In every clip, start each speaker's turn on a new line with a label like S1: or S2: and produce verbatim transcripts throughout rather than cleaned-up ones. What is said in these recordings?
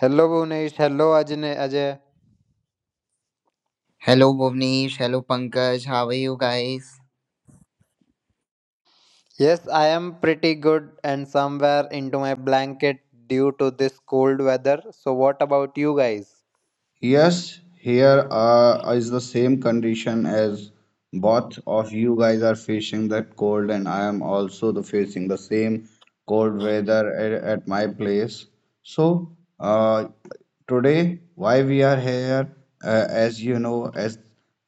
S1: Hello, Bhunesh. Hello, Ajne- Ajay.
S2: Hello Bhuvnesh, hello Pankaj, how are you guys?
S1: Yes, I am pretty good and somewhere into my blanket due to this cold weather. So, what about you guys?
S3: Yes, here uh, is the same condition as both of you guys are facing, that cold, and I am also the facing the same cold weather at, at my place. So, uh, today, why we are here, uh, as you know, as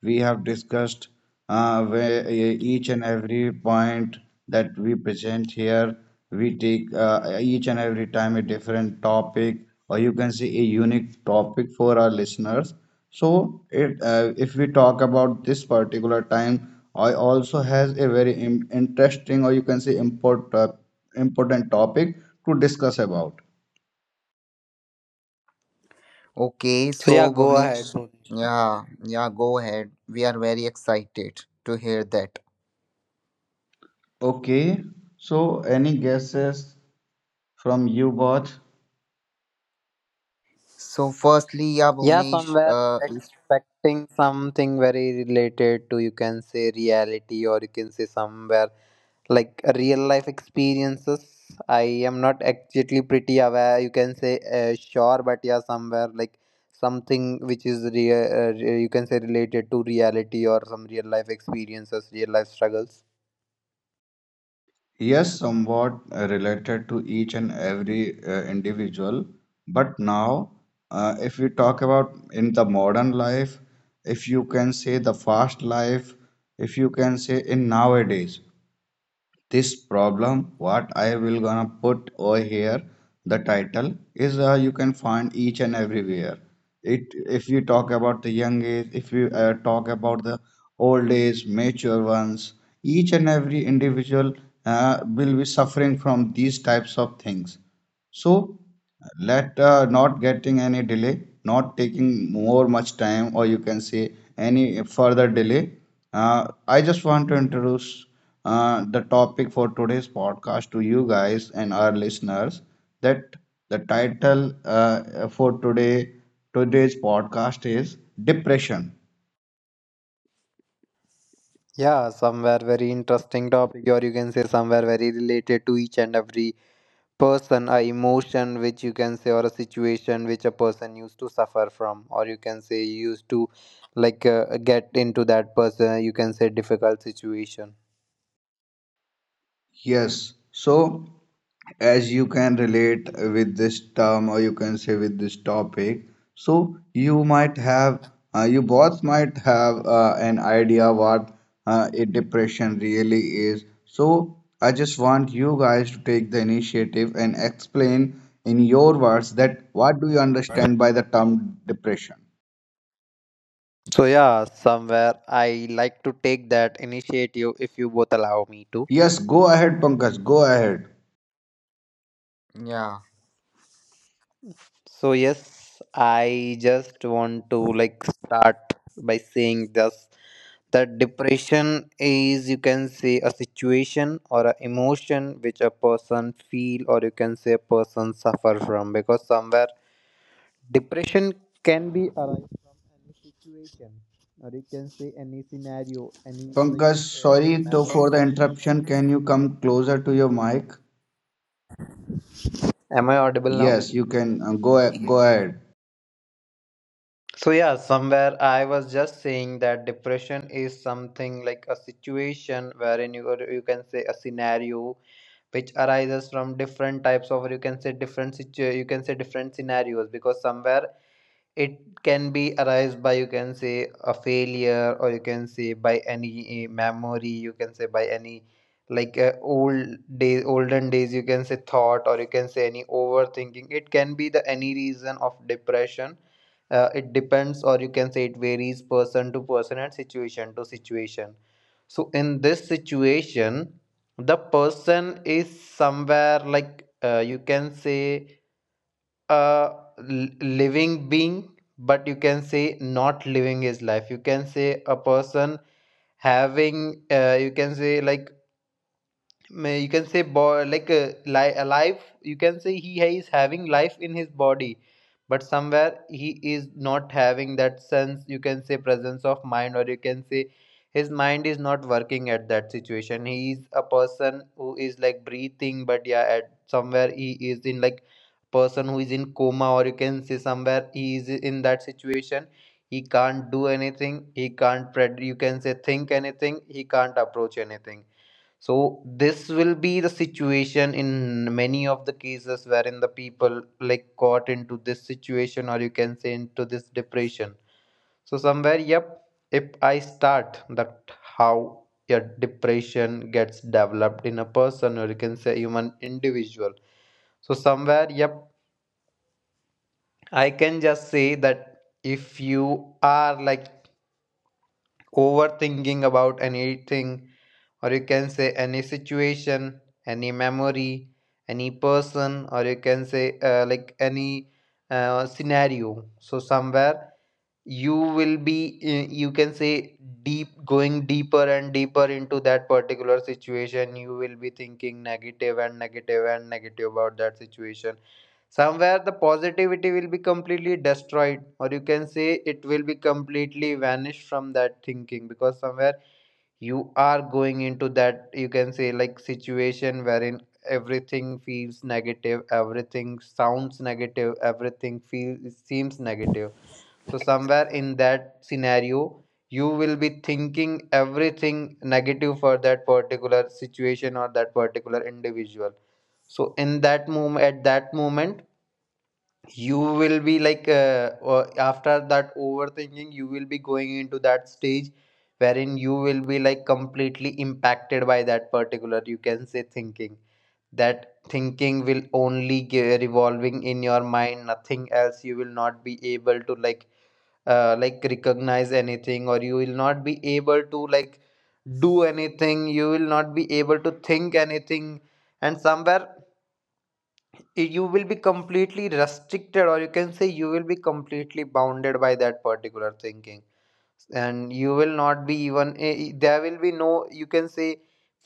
S3: we have discussed. Uh, where uh, each and every point that we present here, we take uh, each and every time a different topic, or you can say a unique topic for our listeners. So, it, uh, if we talk about this particular time, I also has a very im- interesting, or you can say import, uh, important topic to discuss about.
S2: Okay,
S1: So yeah,
S2: so
S1: go ahead,
S2: Bhuvnesh,
S1: Bhunesh.
S2: yeah, yeah, go ahead. We are very excited to hear that.
S3: Okay, so any guesses from you both?
S2: So, firstly, yeah,
S1: Yeah,
S2: Bhuvnesh,
S1: somewhere
S2: uh,
S1: expecting something very related to you can say reality or you can say somewhere like real life experiences. I am not exactly pretty aware, you can say uh, sure, but yeah, somewhere like something which is real, uh, re- you can say related to reality or some real life experiences, real life struggles.
S3: Yes, somewhat uh, related to each and every uh, individual. But now, uh, if we talk about in the modern life, if you can say the fast life, if you can say in nowadays, this problem what I will gonna put over here, the title is uh, you can find each and everywhere it. If you talk about the young age, if you uh, talk about the old age mature ones, each and every individual uh, will be suffering from these types of things. So, let uh, not getting any delay, not taking more much time, or you can say any further delay. Uh, I just want to introduce uh, the topic for today's podcast to you guys and our listeners. That the title uh, for today today's podcast is depression.
S1: Yeah, somewhere very interesting topic or you can say somewhere very related to each and every person, a emotion which you can say or a situation which a person used to suffer from or you can say used to like uh, get into that person you can say difficult situation.
S3: Yes. So, as you can relate with this term, or you can say with this topic, so you might have, uh, you both might have uh, an idea what uh, a depression really is. So, I just want you guys to take the initiative and explain in your words that what do you understand by the term depression?
S1: So yeah, somewhere I like to take that initiative if you both allow me to.
S3: Yes, go ahead, Pankaj. Go ahead.
S2: if- yeah.
S1: So yes, I just want to like start by saying this that depression is you can say a situation or an emotion which a person feel or you can say a person suffer from, because somewhere depression can be arise from any situation or you can say any scenario, any like
S3: Pankaj,
S1: uh,
S3: sorry to,
S1: memory.
S3: for the interruption. Can you come closer to your mic?
S1: Am I audible now?
S3: Yes, you can uh, go a- go ahead.
S1: So yeah, somewhere I was just saying that depression is something like a situation wherein you, or you can say a scenario, which arises from different types of or you can say different situ you can say different scenarios, because somewhere it can be arise by you can say a failure or you can say by any uh, memory, you can say by any like uh, old days olden days, you can say thought, or you can say any overthinking. It can be the any reason of depression. Uh, it depends, or you can say it varies person to person and situation to situation. So in this situation the person is somewhere like uh, you can say a l- living being, but you can say not living his life, you can say a person having uh, you can say like may- you can say bo- like uh, li- alive. You can say he is having life in his body, but somewhere he is not having that sense, you can say presence of mind, or you can say his mind is not working at that situation. He is a person who is like breathing, but yeah at somewhere he is in like person who is in coma, or you can say somewhere he is in that situation he can't do anything, he can't pred- you can say think anything, he can't approach anything. So this will be the situation in many of the cases wherein the people like caught into this situation, or you can say into this depression. So somewhere, yep, if I start that how a depression gets developed in a person, or you can say human individual. So somewhere, yep, I can just say that if you are like overthinking about anything, or you can say any situation, any memory, any person, or you can say uh, like any uh, scenario, so somewhere you will be uh, you can say deep going deeper and deeper into that particular situation. You will be thinking negative and negative and negative about that situation. Somewhere the positivity will be completely destroyed, or you can say it will be completely vanished from that thinking, because somewhere you are going into that you can say like situation wherein everything feels negative, everything sounds negative, everything feels seems negative. So somewhere in that scenario you will be thinking everything negative for that particular situation or that particular individual. So in that moment, at that moment, you will be like uh, uh, after that overthinking you will be going into that stage wherein you will be like completely impacted by that particular you can say thinking. That thinking will only ge- revolving in your mind, nothing else. You will not be able to like uh, like recognize anything, or you will not be able to like do anything, you will not be able to think anything, and somewhere it- you will be completely restricted, or you can say you will be completely bounded by that particular thinking. And you will not be even eh, eh, there will be no, you can say,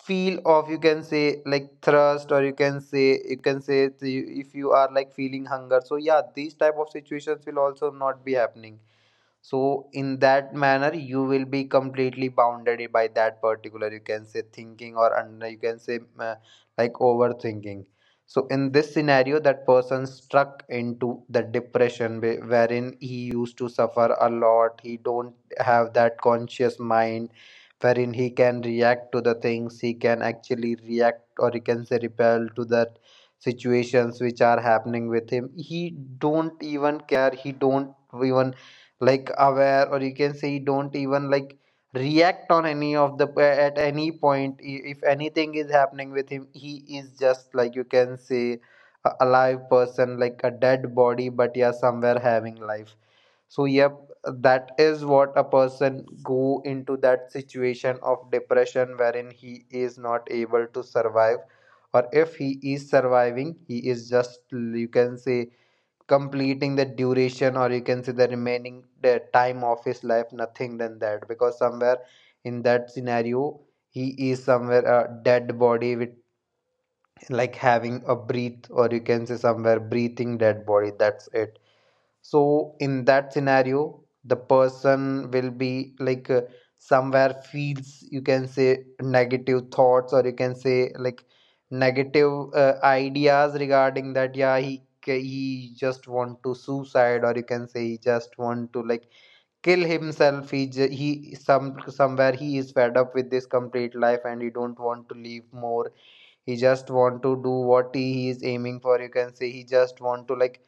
S1: feel of, you can say, like thirst or you can say you can say to if you are like feeling hunger, so yeah these type of situations will also not be happening. So in that manner you will be completely bounded by that particular you can say thinking or under. You can say uh, like overthinking. So in this scenario that person struck into the depression, whe- wherein he used to suffer a lot, he don't have that conscious mind wherein he can react to the things, he can actually react or he can say repel to that situations which are happening with him. He don't even care, he don't even like aware, or you can say don't even like react on any of the uh, at any point, I- if anything is happening with him, he is just like you can say a alive person like a dead body, but yeah somewhere having life. So yep, that is what a person go into that situation of depression wherein he is not able to survive, or if he is surviving he is just you can say completing the duration, or you can say the remaining the time of his life, nothing than that, because somewhere in that scenario he is somewhere a dead body with like having a breath, or you can say somewhere breathing dead body. That's it. So in that scenario the person will be like uh, somewhere feels you can say negative thoughts, or you can say like negative uh, ideas regarding that. Yeah, he ca- he just want to suicide, or you can say he just want to like kill himself. He ju- he some somewhere he is fed up with this complete life and he don't want to live more. He just want to do what he is aiming for, you can say he just want to like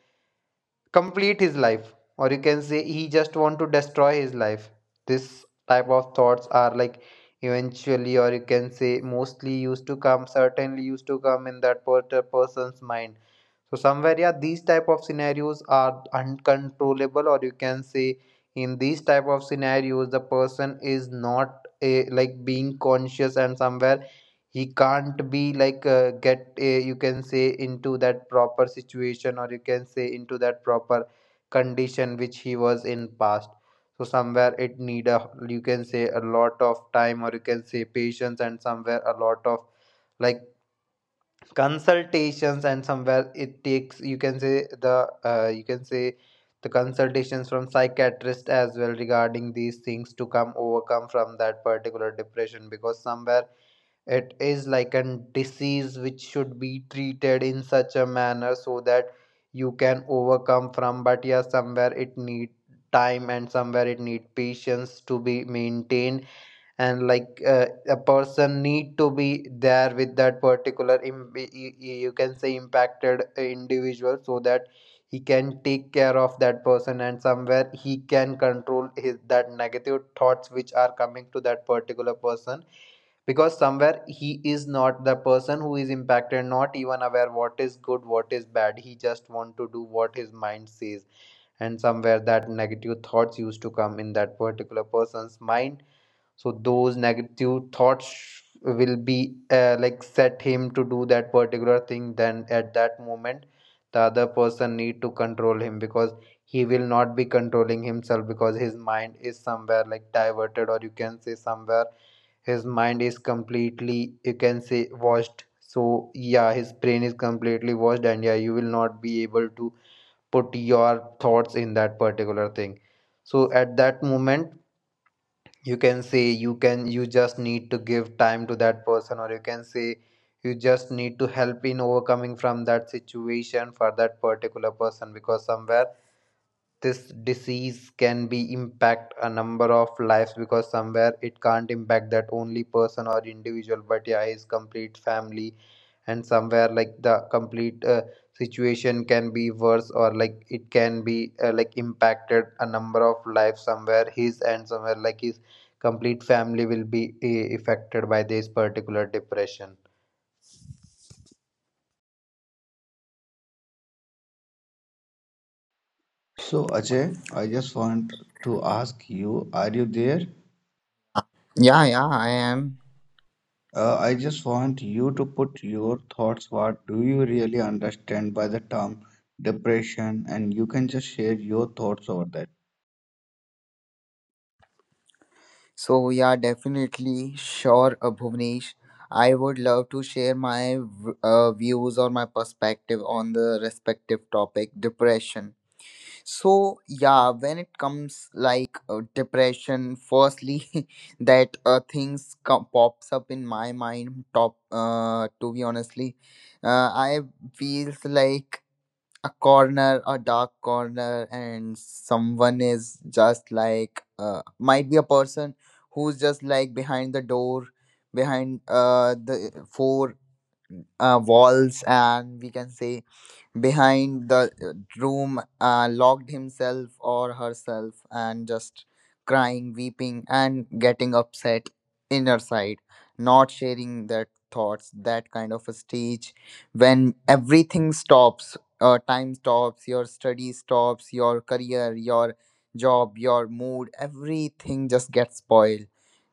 S1: complete his life, or you can say he just want to destroy his life. This type of thoughts are like eventually, or you can say mostly used to come, certainly used to come in that per- person's mind. So somewhere, yeah, these type of scenarios are uncontrollable, or you can say in these type of scenarios the person is not a, like being conscious, and somewhere he can't be like uh, get uh, you can say into that proper situation, or you can say into that proper condition which he was in past. So somewhere it need a you can say a lot of time, or you can say patience, and somewhere a lot of like consultations, and somewhere it takes you can say the uh, you can say the consultations from psychiatrist as well regarding these things to come overcome from that particular depression, because somewhere it is like a disease which should be treated in such a manner so that you can overcome from. But yeah, somewhere it need time and somewhere it need patience to be maintained, and like uh, a person need to be there with that particular Im- y- y- you can say impacted uh, individual, so that he can take care of that person and somewhere he can control his that negative thoughts which are coming to that particular person, because somewhere he is not the person who is impacted, not even aware what is good, what is bad. He just want to do what his mind says, and somewhere that negative thoughts used to come in that particular person's mind. So those negative thoughts will be uh, like set him to do that particular thing. Then at that moment the other person need to control him, because he will not be controlling himself, because his mind is somewhere like diverted, or you can say somewhere his mind is completely you can say washed. So yeah, his brain is completely washed, and yeah you will not be able to put your thoughts in that particular thing. So at that moment, you can say, you can, you just need to give time to that person, or you can say you just need to help in overcoming from that situation for that particular person, because somewhere this disease can be impact a number of lives, because somewhere it can't impact that only person or individual, but yeah his complete family. And somewhere like the complete uh, situation can be worse, or like it can be uh, like impacted a number of lives. Somewhere his, and somewhere like his complete family will be uh, affected by this particular depression.
S3: So Ajay, I just want to ask you, are you there?
S2: Yeah, yeah, I am.
S3: Uh, I just want you to put your thoughts. What do you really understand by the term depression? And you can just share your thoughts over that.
S2: So, yeah, definitely sure, uh, Bhuvnesh. I would love to share my v- uh, views or my perspective on the respective topic, depression. So, yeah, when it comes like uh, depression, firstly, that uh, things come, pops up in my mind. Top, uh, to be honestly, uh, I feels like a corner, a dark corner, and someone is just like uh, might be a person who's just like behind the door, behind uh, the four uh, walls, and we can say behind the uh, room, uh, locked himself or herself, and just crying, weeping, and getting upset inner side, not sharing their thoughts, that kind of a stage when everything stops. Uh, time stops, your study stops, your career, your job, your mood, everything just gets spoiled.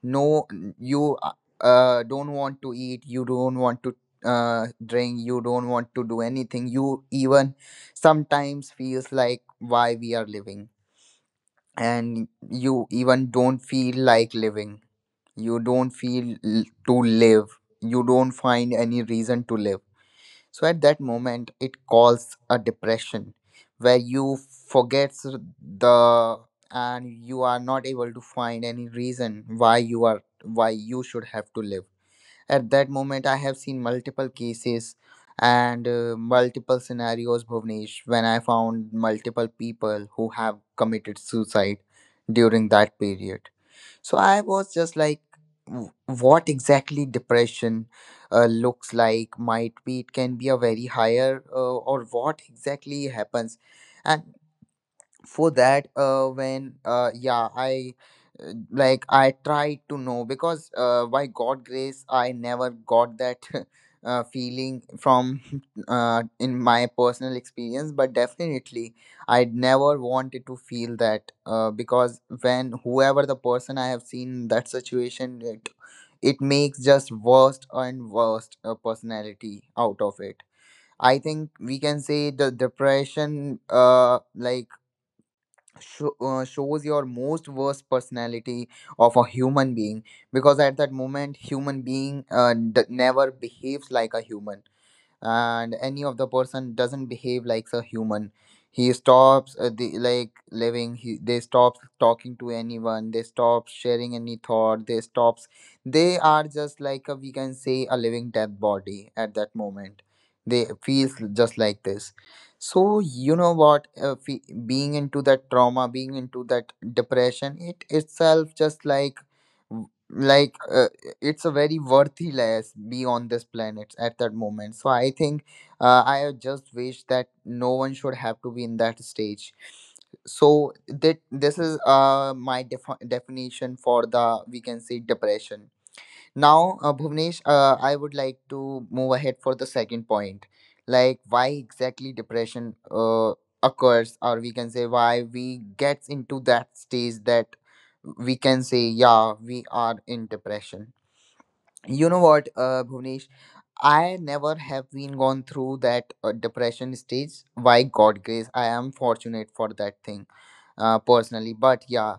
S2: No, you uh, uh, don't want to eat, you don't want to uh, drink, you don't want to do anything. You even sometimes feels like, why we are living? And you even don't feel like living, you don't feel l- to live, you don't find any reason to live. So at that moment it calls a depression, where you forgets the and you are not able to find any reason why you are, why you should have to live. At that moment, I have seen multiple cases and uh, multiple scenarios, Bhuvnesh, when I found multiple people who have committed suicide during that period. So I was just like, "W- what exactly depression uh, looks like? Might be it can be a very higher, uh, or what exactly happens?" And for that uh when uh yeah, i uh, like i tried to know, because uh by god grace I never got that uh feeling from uh in my personal experience, but definitely I never wanted to feel that uh because when whoever the person I have seen in that situation, it it makes just worst and worst uh, personality out of it. I think we can say the depression uh like sho- uh, shows your most worst personality of a human being, because at that moment human being uh, d- never behaves like a human, and any of the person doesn't behave like a human. He stops uh, the, like living, he, they stop talking to anyone, they stop sharing any thought, they stops They are just like a, we can say, a living dead body at that moment. They feels just like this. So you know what, uh, fe- being into that trauma, being into that depression, it itself just like like uh, it's a very worthless be on this planet at that moment. So I think uh, I just wish that no one should have to be in that stage. So that this is uh my defi- definition for, the we can say, depression. Now, uh, Bhuvnesh, uh, I would like to move ahead for the second point, like why exactly depression uh, occurs, or we can say why we get into that stage that we can say, yeah, we are in depression. You know what, uh, Bhuvnesh, I never have been gone through that uh, depression stage. By God grace, I am fortunate for that thing uh, personally. But yeah,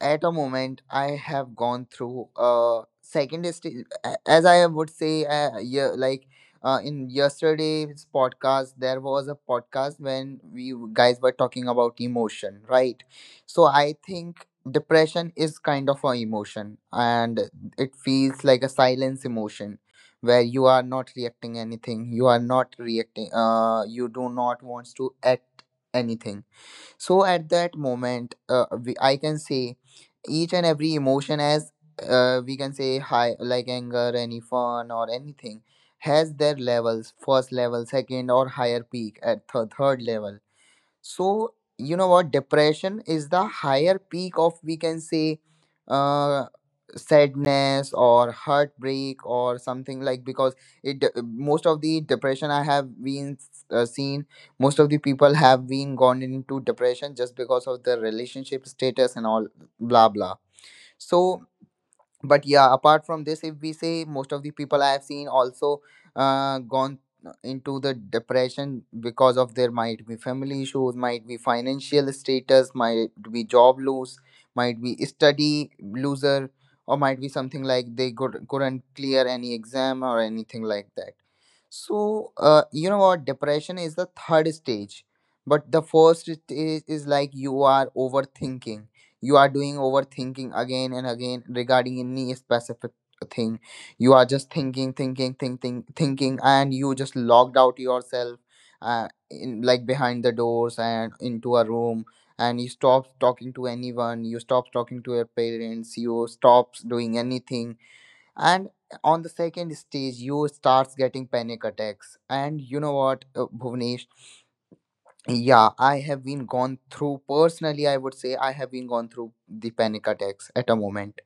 S2: at a moment I have gone through a second stage, as I would say, uh, yeah, like uh, in yesterday's podcast, there was a podcast when we guys were talking about emotion, right? So I think depression is kind of a emotion, and it feels like a silence emotion where you are not reacting anything, you are not reacting, uh you do not want to act anything. So at that moment uh, we, I can say each and every emotion, as uh, we can say high, like anger, any fun or anything has their levels, first level, second, or higher peak at th- third level. So you know what, depression is the higher peak of, we can say, uh, sadness or heartbreak or something like, because it de- most of the depression I have been uh, seen, most of the people have been gone into depression just because of the relationship status and all blah blah. So but yeah, apart from this, if we say, most of the people I have seen also uh, gone into the depression because of, there might be family issues, might be financial status, might be job loss, might be study loser, or might be something like they could, couldn't clear any exam or anything like that. So uh, you know what, depression is the third stage, but the first stage is like you are overthinking, you are doing overthinking again and again regarding any specific thing, you are just thinking, thinking, thinking, thinking, and you just logged out yourself uh, in, like behind the doors and into a room, and you stop talking to anyone, you stop talking to your parents, you stop doing anything. And on the second stage you starts getting panic attacks, and you know what, uh, Bhuvnesh, yeah, I have been gone through personally, I would say I have been gone through the panic attacks at a moment.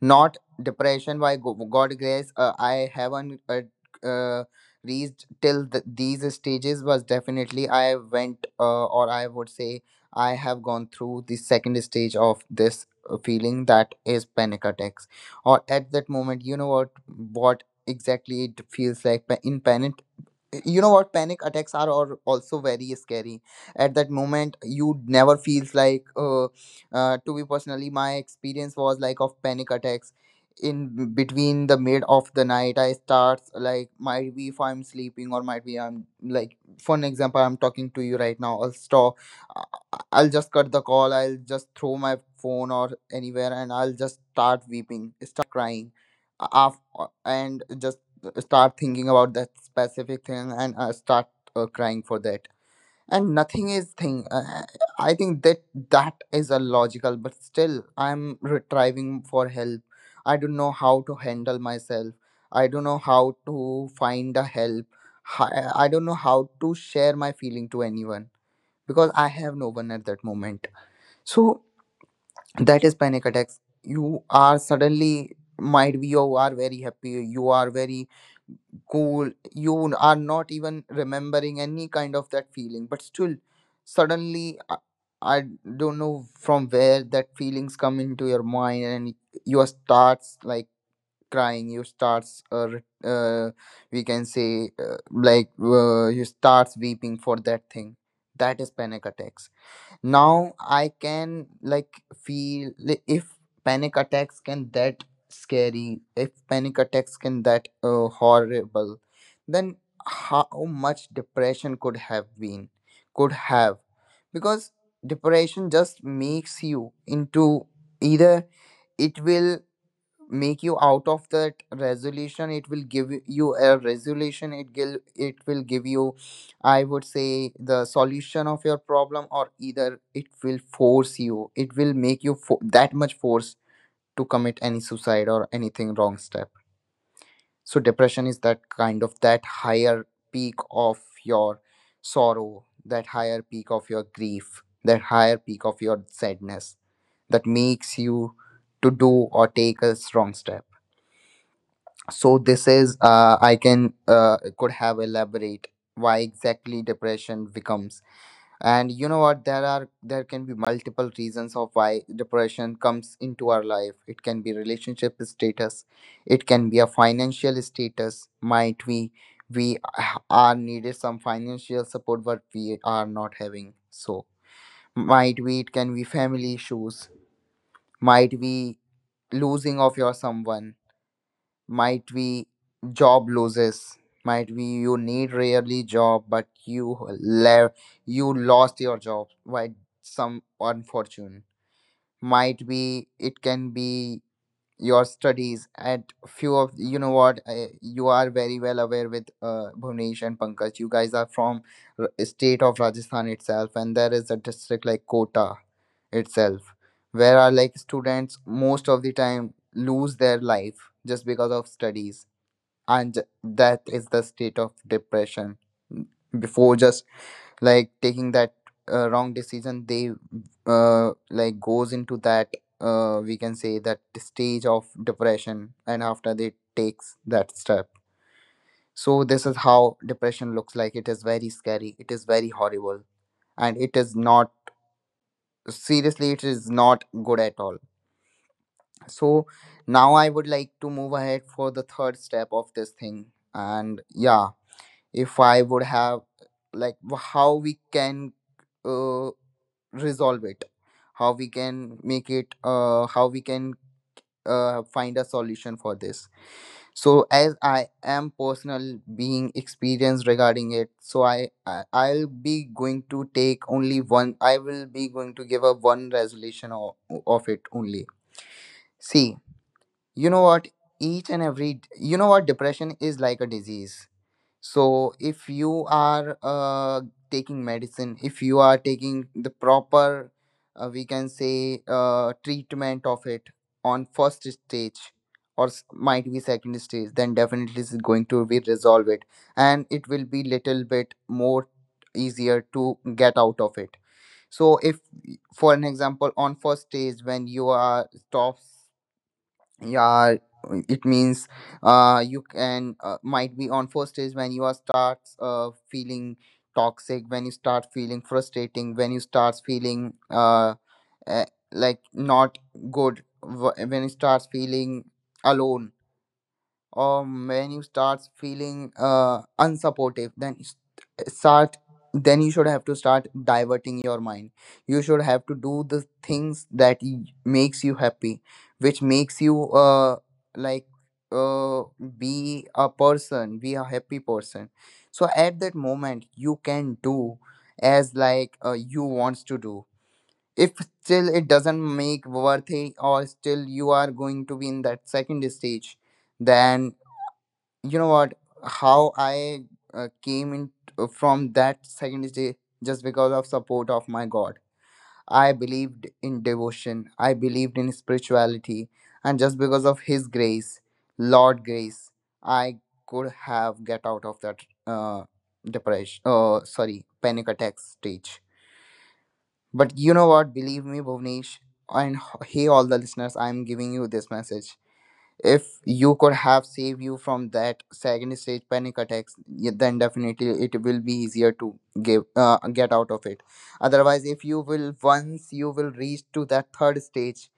S2: Not depression, by go- God grace. Uh, I haven't uh, uh, reached till th- these stages, was definitely I went uh, or I would say I have gone through the second stage of this uh, feeling, that is panic attacks. Or at that moment, you know what what exactly it feels like, pa- in panic. You know what panic attacks are, or also very scary at that moment. You never feels like uh, uh, to be, personally my experience was like, of panic attacks, in between the mid of the night I starts, like, might be if I'm sleeping, or might be I'm like, for an example, I'm talking to you right now, I'll stop, I- I- I'll just cut the call, I'll just throw my phone or anywhere, and I'll just start weeping, start crying, af- and just start thinking about that specific thing, and uh, start uh, crying for that, and nothing is thing, uh, uh, I think that that is a logical, but still I'm retrieving for help, I don't know how to handle myself, I don't know how to find a help, Hi- I don't know how to share my feeling to anyone because I have no one at that moment. So that is panic attacks. You are suddenly, might be you are very happy, you are very cool, you are not even remembering any kind of that feeling, but still suddenly i I don't know from where that feelings come into your mind, and you are starts like crying, you starts uh, re- uh we can say uh, like uh, you starts weeping for that thing, that is panic attacks. Now I can like feel, li- if panic attacks can that scary, if panic attacks can that uh, horrible, then how much depression could have been, could have? Because depression just makes you into, either it will make you out of that resolution, it will give you a resolution, it will it will give you, I would say, the solution of your problem, or either it will force you, it will make you fo- that much force to commit any suicide or anything wrong step. So depression is that kind of that higher peak of your sorrow, that higher peak of your grief, that higher peak of your sadness, that makes you to do or take a strong step. So this is uh, I can uh, could have elaborate why exactly depression becomes. And you know what, there are, there can be multiple reasons of why depression comes into our life. It can be relationship status, it can be a financial status, might we we are needed some financial support but we are not having, so might be it can be family issues, might be losing of your someone, might be job losses, might be you need rarely job but you le- you lost your job by some unfortune, might be it can be your studies. At few of, you know what, I, you are very well aware with uh, Bhuvnesh and Pankaj, you guys are from r- state of Rajasthan itself, and there is a district like Kota itself, where our like students most of the time lose their life just because of studies. And that is the state of depression. Before just like taking that uh, wrong decision, they uh, like goes into that uh, we can say that stage of depression, and after they takes that step. So this is how depression looks like. It is very scary, it is very horrible, and it is not, seriously, it is not good at all. So now I would like to move ahead for the third step of this thing And yeah, if I would have like wh- how we can uh, resolve it, how we can make it uh, how we can uh, find a solution for this. So as I am personal being experienced regarding it, so I, I i'll be going to take only one, I will be going to give a one resolution of, of it only. See, you know what, each and every, you know what, depression is like a disease. So if you are uh, taking medicine, if you are taking the proper, uh, we can say, uh, treatment of it on first stage or s- might be second stage, then definitely is going to be resolve it, and it will be little bit more easier to get out of it. So, if for an example, on first stage when you are stopped. Yeah, it means uh you can uh, might be on first stage when you are starts uh feeling toxic, when you start feeling frustrating, when you starts feeling uh, uh like not good, wh- when you starts feeling alone, or when you start feeling uh unsupportive, then s- start then you should have to start diverting your mind. You should have to do the things that y- makes you happy, which makes you uh like uh be a person, be a happy person. So at that moment you can do as like uh, you wants to do. If still it doesn't make worth it, or still you are going to be in that second stage, then you know what, how I uh, came in uh, from that second day, just because of support of my god. I believed in devotion, I believed in spirituality, and just because of his grace, lord grace, I could have get out of that uh, depression, uh, sorry, panic attack stage. But you know what, believe me, Bhuvnesh, and he all the listeners, I'm giving you this message: if you could have saved you from that second stage panic attacks, y- then definitely it will be easier to give uh, get out of it. Otherwise, if you will, once you will reach to that third stage,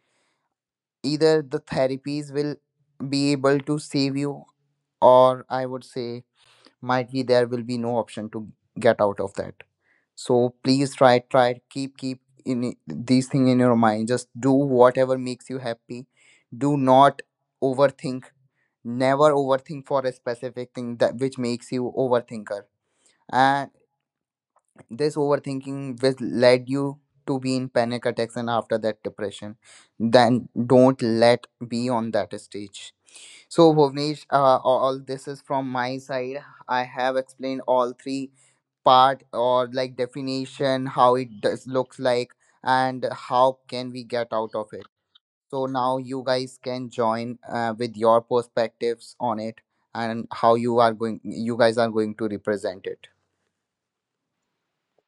S2: either the therapies will be able to save you, or I would say might be there will be no option to get out of that. So please try, try, keep keep in i- these thing in your mind. Just do whatever makes you happy. Do not overthink, never overthink for a specific thing that which makes you overthinker, and this overthinking will led you to be in panic attacks and after that depression. Then don't let be on that stage. So Bhuvnesh, uh, all all this is from my side. I have explained all three part or like definition, how it does looks like and how can we get out of it. So now you guys can join uh, with your perspectives on it, and how you are going, you guys are going to represent it.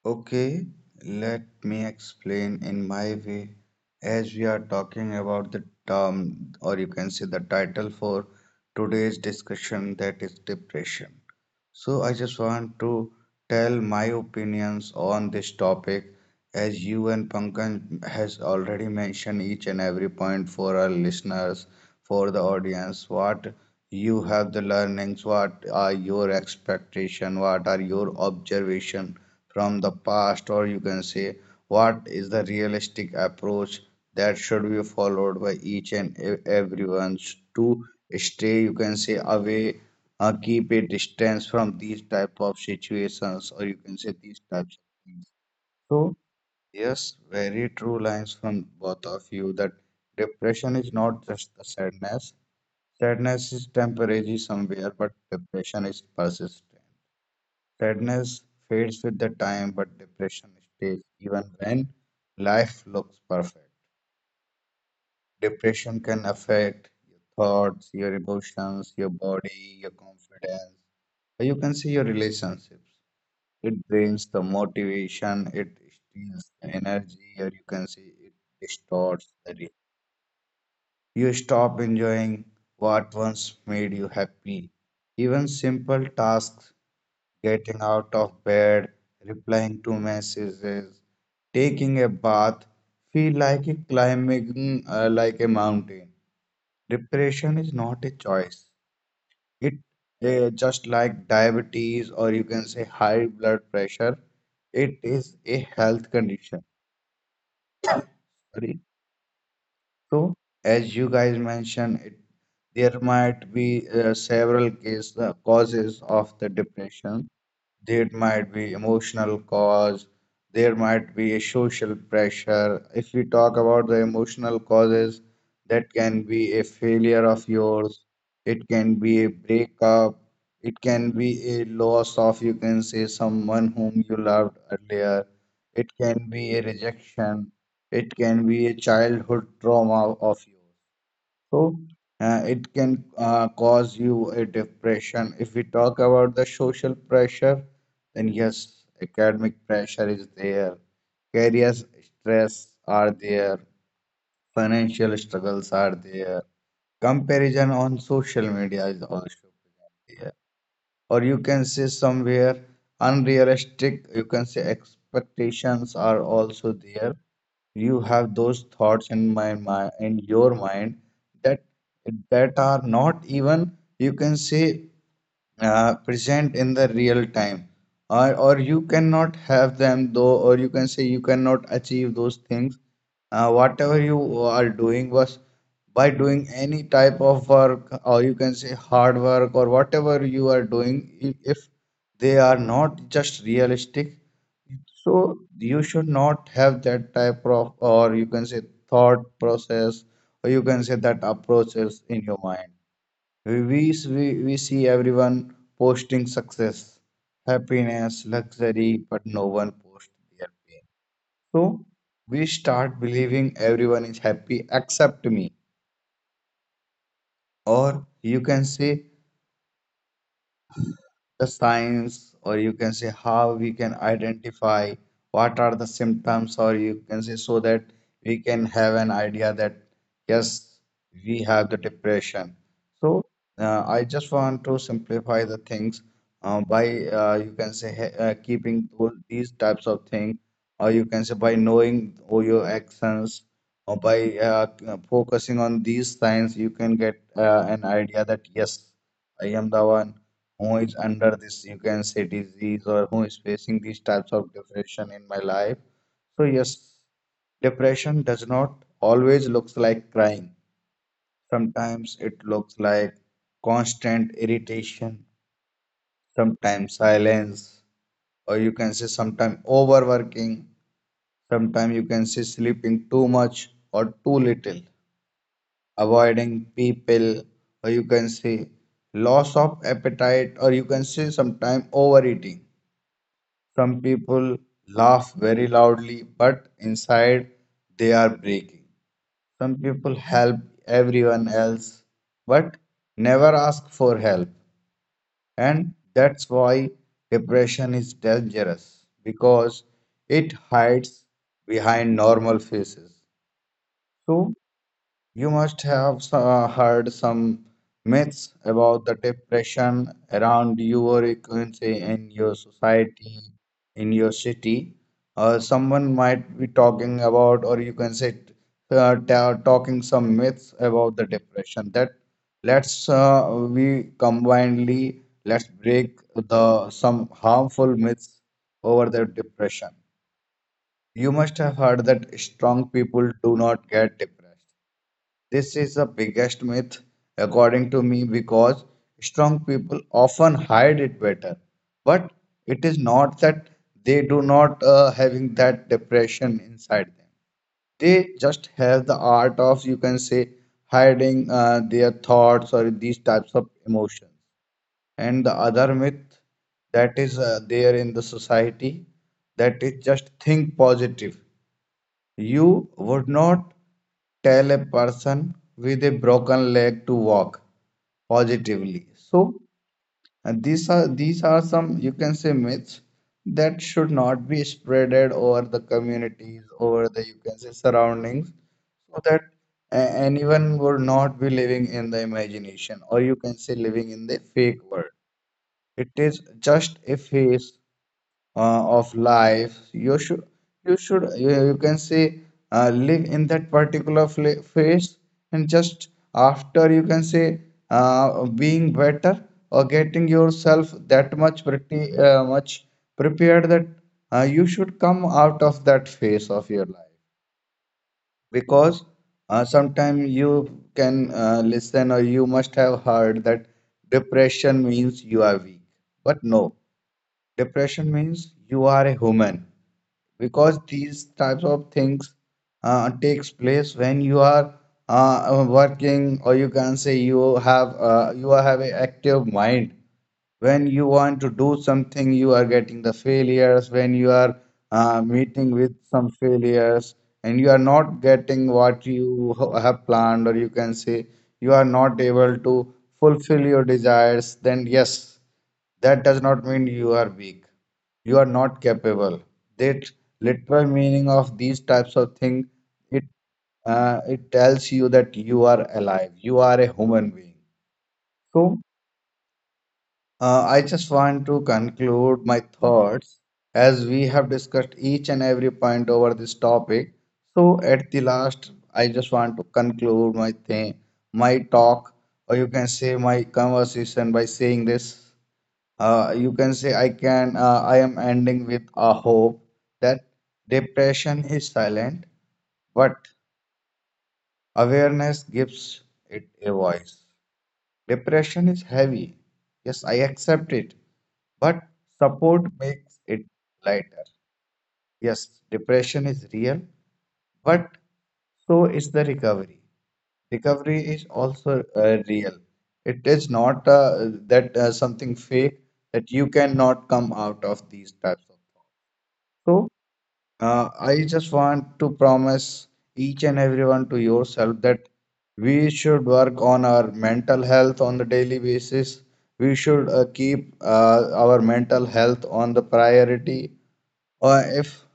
S3: Okay, let me explain in my way. As we are talking about the term, or you can say the title for today's discussion, that is depression. So I just want to tell my opinions on this topic, as you and Pankaj has already mentioned each and every point for our listeners, for the audience, what you have the learnings, what are your expectation, what are your observation from the past, or you can say what is the realistic approach that should be followed by each and e- everyone to stay, you can say, away, uh, keep a distance from these type of situations, or you can say these types of things. So yes, very true lines from both of you, that depression is not just the sadness. Sadness is temporary somewhere, but depression is persistent. Sadness fades with the time, but depression stays even when life looks perfect. Depression can affect your thoughts, your emotions, your body, your confidence, or you can see your relationships. It drains the motivation, it steals the energy, or you can see it distorts the day. You stop enjoying what once made you happy. Even simple tasks, getting out of bed, replying to messages, taking a bath, feel like a climbing uh, like a mountain. Depression is not a choice. It uh, just like diabetes, or you can say high blood pressure, it is a health condition. Sorry. So as you guys mentioned, it, there might be uh, several case, uh, causes of the depression. There might be emotional cause, there might be a social pressure. If we talk about the emotional causes, that can be a failure of yours, it can be a breakup, it can be a loss of, you can say, someone whom you loved earlier, it can be a rejection, it can be a childhood trauma of yours. So uh, it can uh, cause you a depression. If we talk about the social pressure, then yes, academic pressure is there, career stress are there, financial struggles are there, comparison on social media is also there, or you can say somewhere unrealistic, you can say expectations are also there. You have those thoughts in my mind, in your mind, that that are not even, you can say, uh, present in the real time, or, or you cannot have them though, or you can say you cannot achieve those things. Uh, whatever you are doing, was by doing any type of work, or you can say hard work, or whatever you are doing, if, if they are not just realistic, so you should not have that type of, or you can say, thought process, or you can say that approaches in your mind. We, we, we we see everyone posting success, happiness, luxury, but no one posts their pain. So we start believing everyone is happy except me. Or you can say the signs, or you can say how we can identify what are the symptoms, or you can say so that we can have an idea that yes, we have the depression. So uh, I just want to simplify the things uh, by, uh, you can say, he- uh, keeping all these types of things, or you can say by knowing all your actions, or by uh, uh, focusing on these signs, you can get uh, an idea that yes, I am the one who is under this, you can say, disease, or who is facing these types of depression in my life. So yes, depression does not always looks like crying. Sometimes it looks like constant irritation, sometimes silence, or you can say sometimes overworking, sometimes you can say sleeping too much or too little, avoiding people, or you can say loss of appetite, or you can say sometimes overeating. Some people laugh very loudly, but inside they are breaking. Some people help everyone else, but never ask for help. And that's why depression is dangerous, because it hides behind normal faces. So you must have s- uh, heard some myths about the depression around your agency, in your society, in your city. Uh, someone might be talking about, or you can say, t- uh, ta- talking some myths about the depression. That let's uh, we combinedly let's break the some harmful myths over the depression. You must have heard that strong people do not get depressed. This is the biggest myth, according to me, because strong people often hide it better. But it is not that they do not uh, having that depression inside them. They just have the art of, you can say, hiding uh, their thoughts or these types of emotions. And the other myth that is uh, there in the society, that is just think positive. You would not tell a person with a broken leg to walk positively. So uh, these are these are some, you can say, myths that should not be spreaded over the communities, over the, you can say, surroundings, so that a- anyone would not be living in the imagination, or you can say living in the fake world. It is just a phase uh, of life. you should you should you, you can say, uh, live in that particular fla- phase, and just after, you can say, uh, being better or getting yourself that much pretty uh, much prepared that uh, you should come out of that phase of your life, because uh, sometimes you can uh, listen, or you must have heard, that depression means you are weak, but no, depression means you are a human, because these types of things uh, takes place when you are uh, working, or you can say you have, uh, you have an active mind, when you want to do something, you are getting the failures, when you are uh, meeting with some failures and you are not getting what you ho- have planned, or you can say you are not able to fulfill your desires, then yes, that does not mean you are weak, you are not capable. That literal meaning of these types of things, it uh, it tells you that you are alive, you are a human being. So uh, I just want to conclude my thoughts, as we have discussed each and every point over this topic. So at the last, I just want to conclude my thing, my talk, or you can say my conversation, by saying this, uh, you can say, I can uh, I am ending with a hope that depression is silent, but awareness gives it a voice. Depression is heavy. Yes, I accept it, but support makes it lighter. Yes, depression is real, but so is the recovery. Recovery is also uh, real. It is not uh, that uh, something fake that you cannot come out of these types of. So uh, I just want to promise each and everyone to yourself that we should work on our mental health on the daily basis. We should uh, keep uh, our mental health on the priority. Or if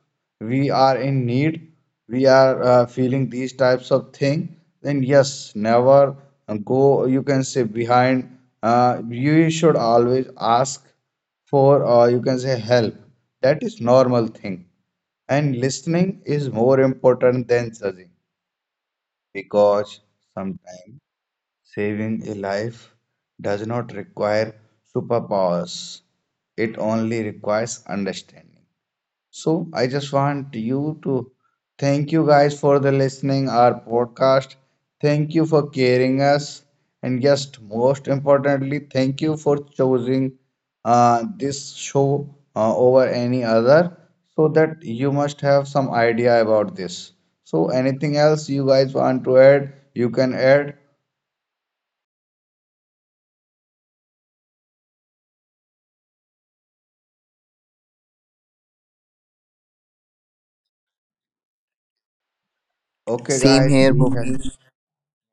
S3: we are in need, we are uh, feeling these types of thing, then yes, never go, you can say, behind. Uh, you should always ask for, uh, you can say, help. That is normal thing, and listening is more important than judging, because sometimes saving a life does not require superpowers, it only requires understanding. So I just want you to thank you guys for the listening our podcast. Thank you for caring us, and just most importantly, thank you for choosing uh, this show uh, over any other. So that you must have some idea about this. So anything else you guys want to add, you can add. Okay,
S2: Same
S3: guys.
S2: here,
S3: we have-
S2: Bhuvnesh.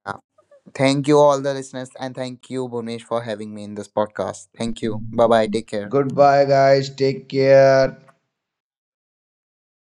S2: Uh, Thank you, all the listeners, and thank you, Bhuvnesh, for having me in this podcast. Thank you. Bye bye. Take care.
S3: Goodbye, guys. Take care.